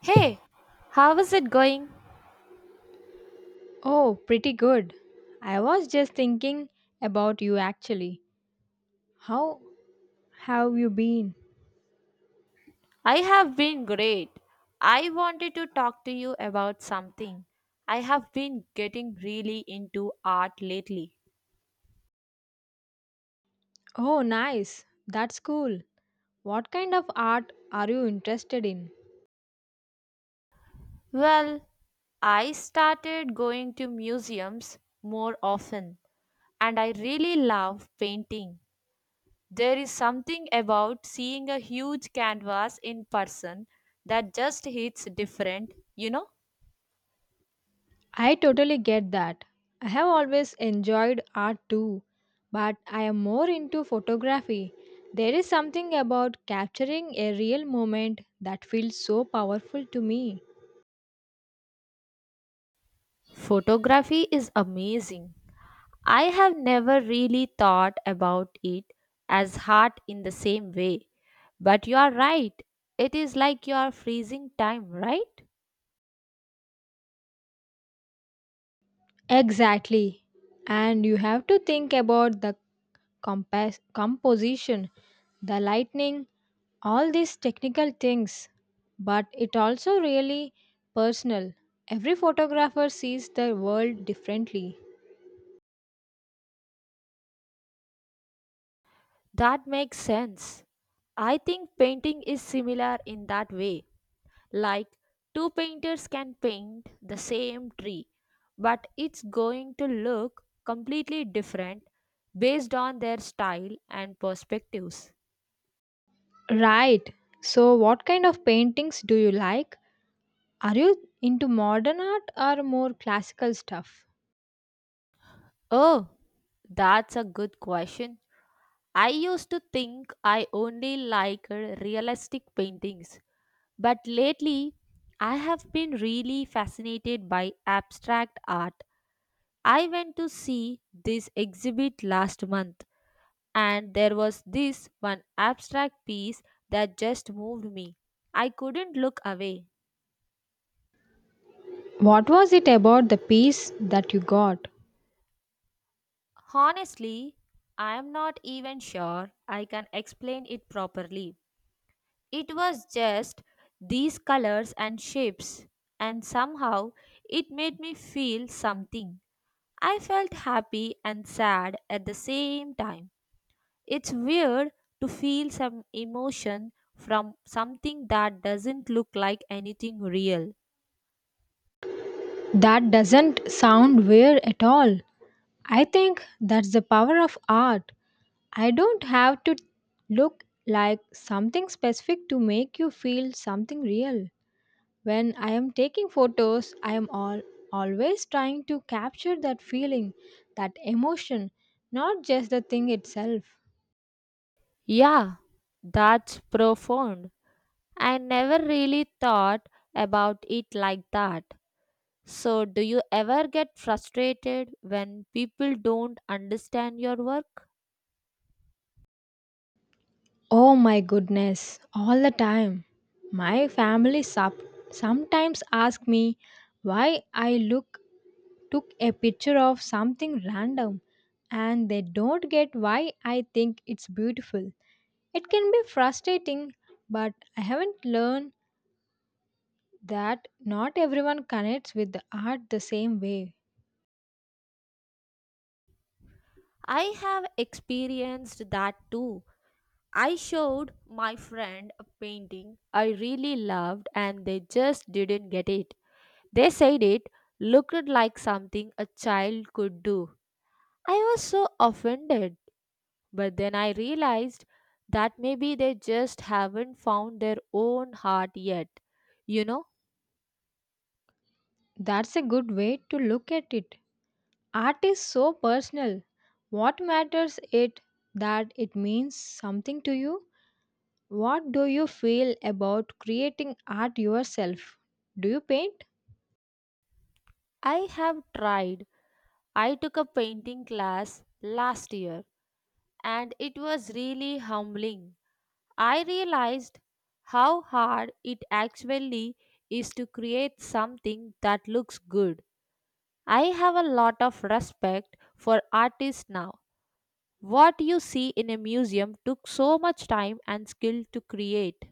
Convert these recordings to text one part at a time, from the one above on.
Hey, how is it going? Oh, pretty good. I was just thinking about you actually. How have you been? I have been great. I wanted to talk to you about something. I have been getting really into art lately. Oh, nice. That's cool. What kind of art are you interested in? Well, I started going to museums more often and I really love painting. There is something about seeing a huge canvas in person that just hits different, you know? I totally get that. I have always enjoyed art too, but I am more into photography. There is something about capturing a real moment that feels so powerful to me. Photography is amazing. I have never really thought about it as hard in the same way. But you are right. It is like you are freezing time, right? Exactly. And you have to think about the composition, the lightning, all these technical things. But it also really personal. Every photographer sees the world differently. That makes sense. I think painting is similar in that way. Like, two painters can paint the same tree, but it's going to look completely different based on their style and perspectives. Right. So what kind of paintings do you like? Are you into modern art or more classical stuff? Oh, that's a good question. I used to think I only liked realistic paintings, but lately I have been really fascinated by abstract art. I went to see this exhibit last month, and there was this one abstract piece that just moved me. I couldn't look away. What was it about the piece that you got? Honestly, I am not even sure I can explain it properly. It was just these colors and shapes, and somehow it made me feel something. I felt happy and sad at the same time. It's weird to feel some emotion from something that doesn't look like anything real. That doesn't sound weird at all. I think that's the power of art. I don't have to look like something specific to make you feel something real. When I am taking photos, always trying to capture that feeling, that emotion, not just the thing itself. Yeah, that's profound. I never really thought about it like that. So, do you ever get frustrated when people don't understand your work? Oh my goodness, all the time. My sometimes ask me why I look took a picture of something random and they don't get why I think it's beautiful. It can be frustrating, but I haven't learned that not everyone connects with the art the same way. I have experienced that too. I showed my friend a painting I really loved and they just didn't get it. They said it looked like something a child could do. I was so offended, but then I realized that maybe they just haven't found their own heart yet. You know, That's a good way to look at it. Art is so personal. What matters it that it means something to you? What do you feel about creating art yourself? Do you paint? I have tried. I took a painting class last year and it was really humbling. I realized how hard it actually is to create something that looks good. I have a lot of respect for artists now. What you see in a museum took so much time and skill to create.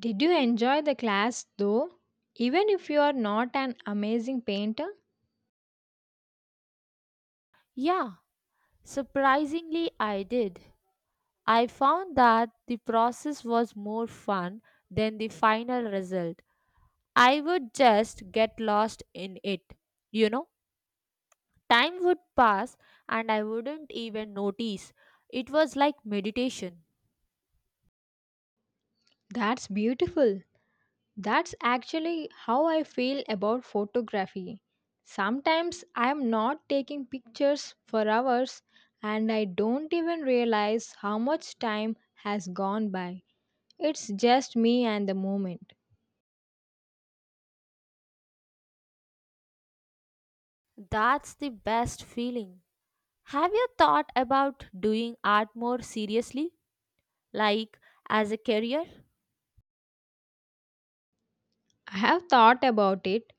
Did you enjoy the class though? Even if you are not an amazing painter, Yeah, surprisingly, I did. I found that the process was more fun than the final result. I would just get lost in it, you know. Time would pass and I wouldn't even notice. It was like meditation. that's beautiful. That's actually how I feel about photography. Sometimes I am not taking pictures for hours and I don't even realize how much time has gone by. It's just me and the moment. That's the best feeling. Have you thought about doing art more seriously, like as a career? I have thought about it,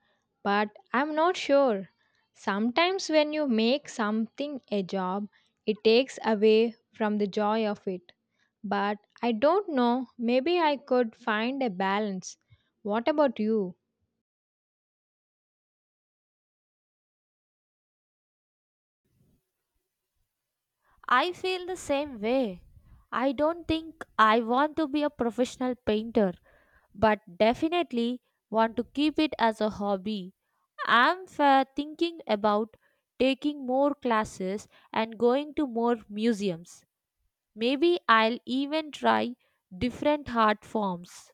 but I'm not sure. Sometimes when you make something a job, it takes away from the joy of it. But I don't know, maybe I could find a balance. What about you? I feel the same way. I don't think I want to be a professional painter, but definitely want to keep it as a hobby. Thinking about taking more classes and going to more museums. Maybe I'll even try different art forms.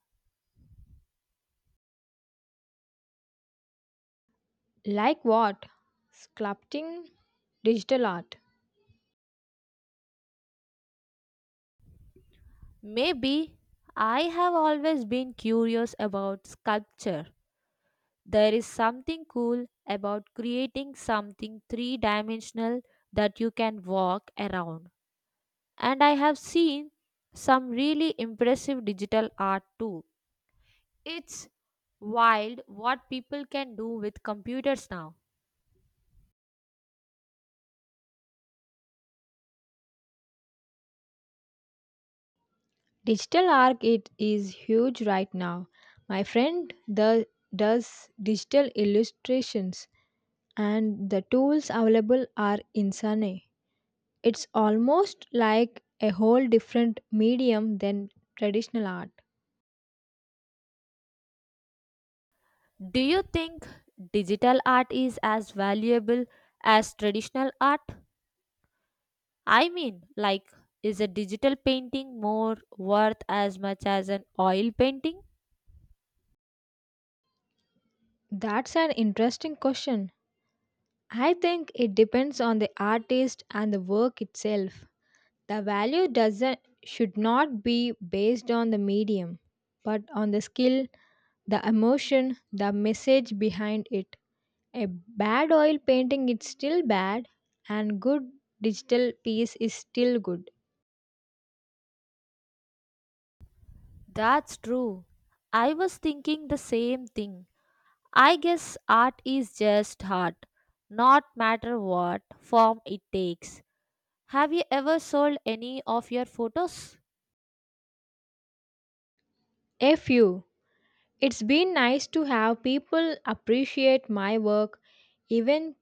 Like what? Sculpting? Digital art. Maybe I have always been curious about sculpture. There is something cool about creating something three dimensional that you can walk around. And I have seen some really impressive digital art too. It's wild what people can do with computers now. Digital art it is huge right now. My friend does digital illustrations and the tools available are insane. It's almost like a whole different medium than traditional art. Do you think digital art is as valuable as traditional art? I mean, like, is a digital painting more worth as much as an oil painting? That's an interesting question. I think it depends on the artist and the work itself. The value doesn't should not be based on the medium, but on the skill, the emotion, the message behind it. A bad oil painting is still bad and good digital piece is still good. That's true. I was thinking the same thing. I guess art is just art, not matter what form it takes. Have you ever sold any of your photos? Fu. It's been nice to have people appreciate my work even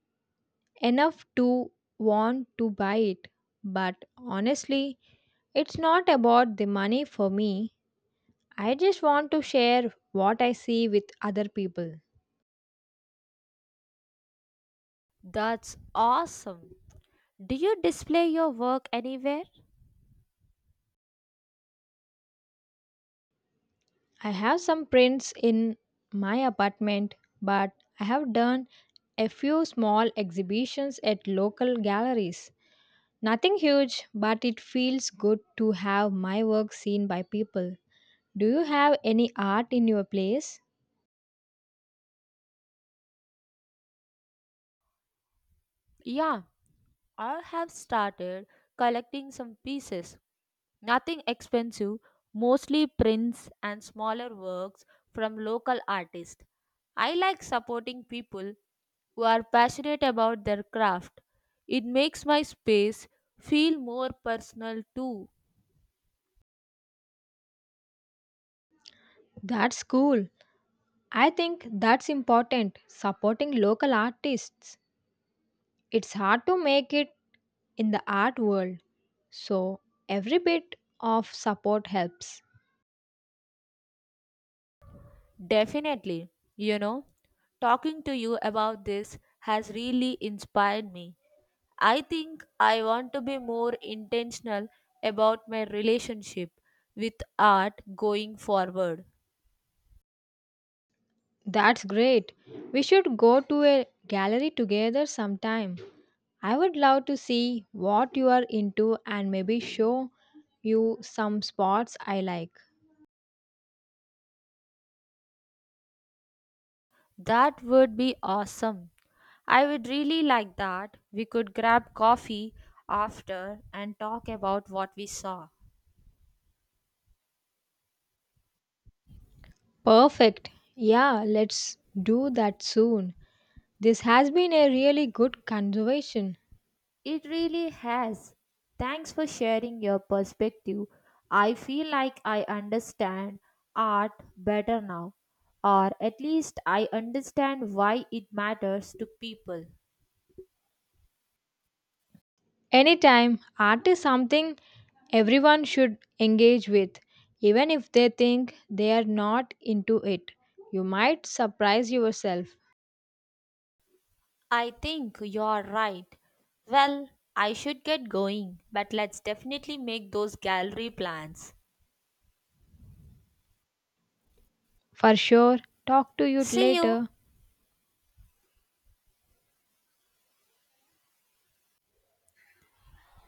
enough to want to buy it. But honestly, it's not about the money for me. I just want to share what I see with other people. That's awesome. Do you display your work anywhere? I have some prints in my apartment, but I have done a few small exhibitions at local galleries. Nothing huge, but it feels good to have my work seen by people. Do you have any art in your place? Yeah, I have started collecting some pieces, nothing expensive, mostly prints and smaller works from local artists. I like supporting people who are passionate about their craft. It makes my space feel more personal too. That's cool. I think that's important, supporting local artists. It's hard to make it in the art world, so every bit of support helps. Definitely, you know, talking to you about this has really inspired me. I think I want to be more intentional about my relationship with art going forward. That's great. We should go to a gallery together sometime. I would love to see what you are into and maybe show you some spots I like. That would be awesome. I would really like that. We could grab coffee after and talk about what we saw. Perfect. Yeah, let's do that soon. This has been a really good conversation. It really has. Thanks for sharing your perspective. I feel like I understand art better now, or at least I understand why it matters to people. Anytime, art is something everyone should engage with, even if they think they are not into it. You might surprise yourself. I think you're right. Well, I should get going, but let's definitely make those gallery plans. For sure, talk to you See you. later.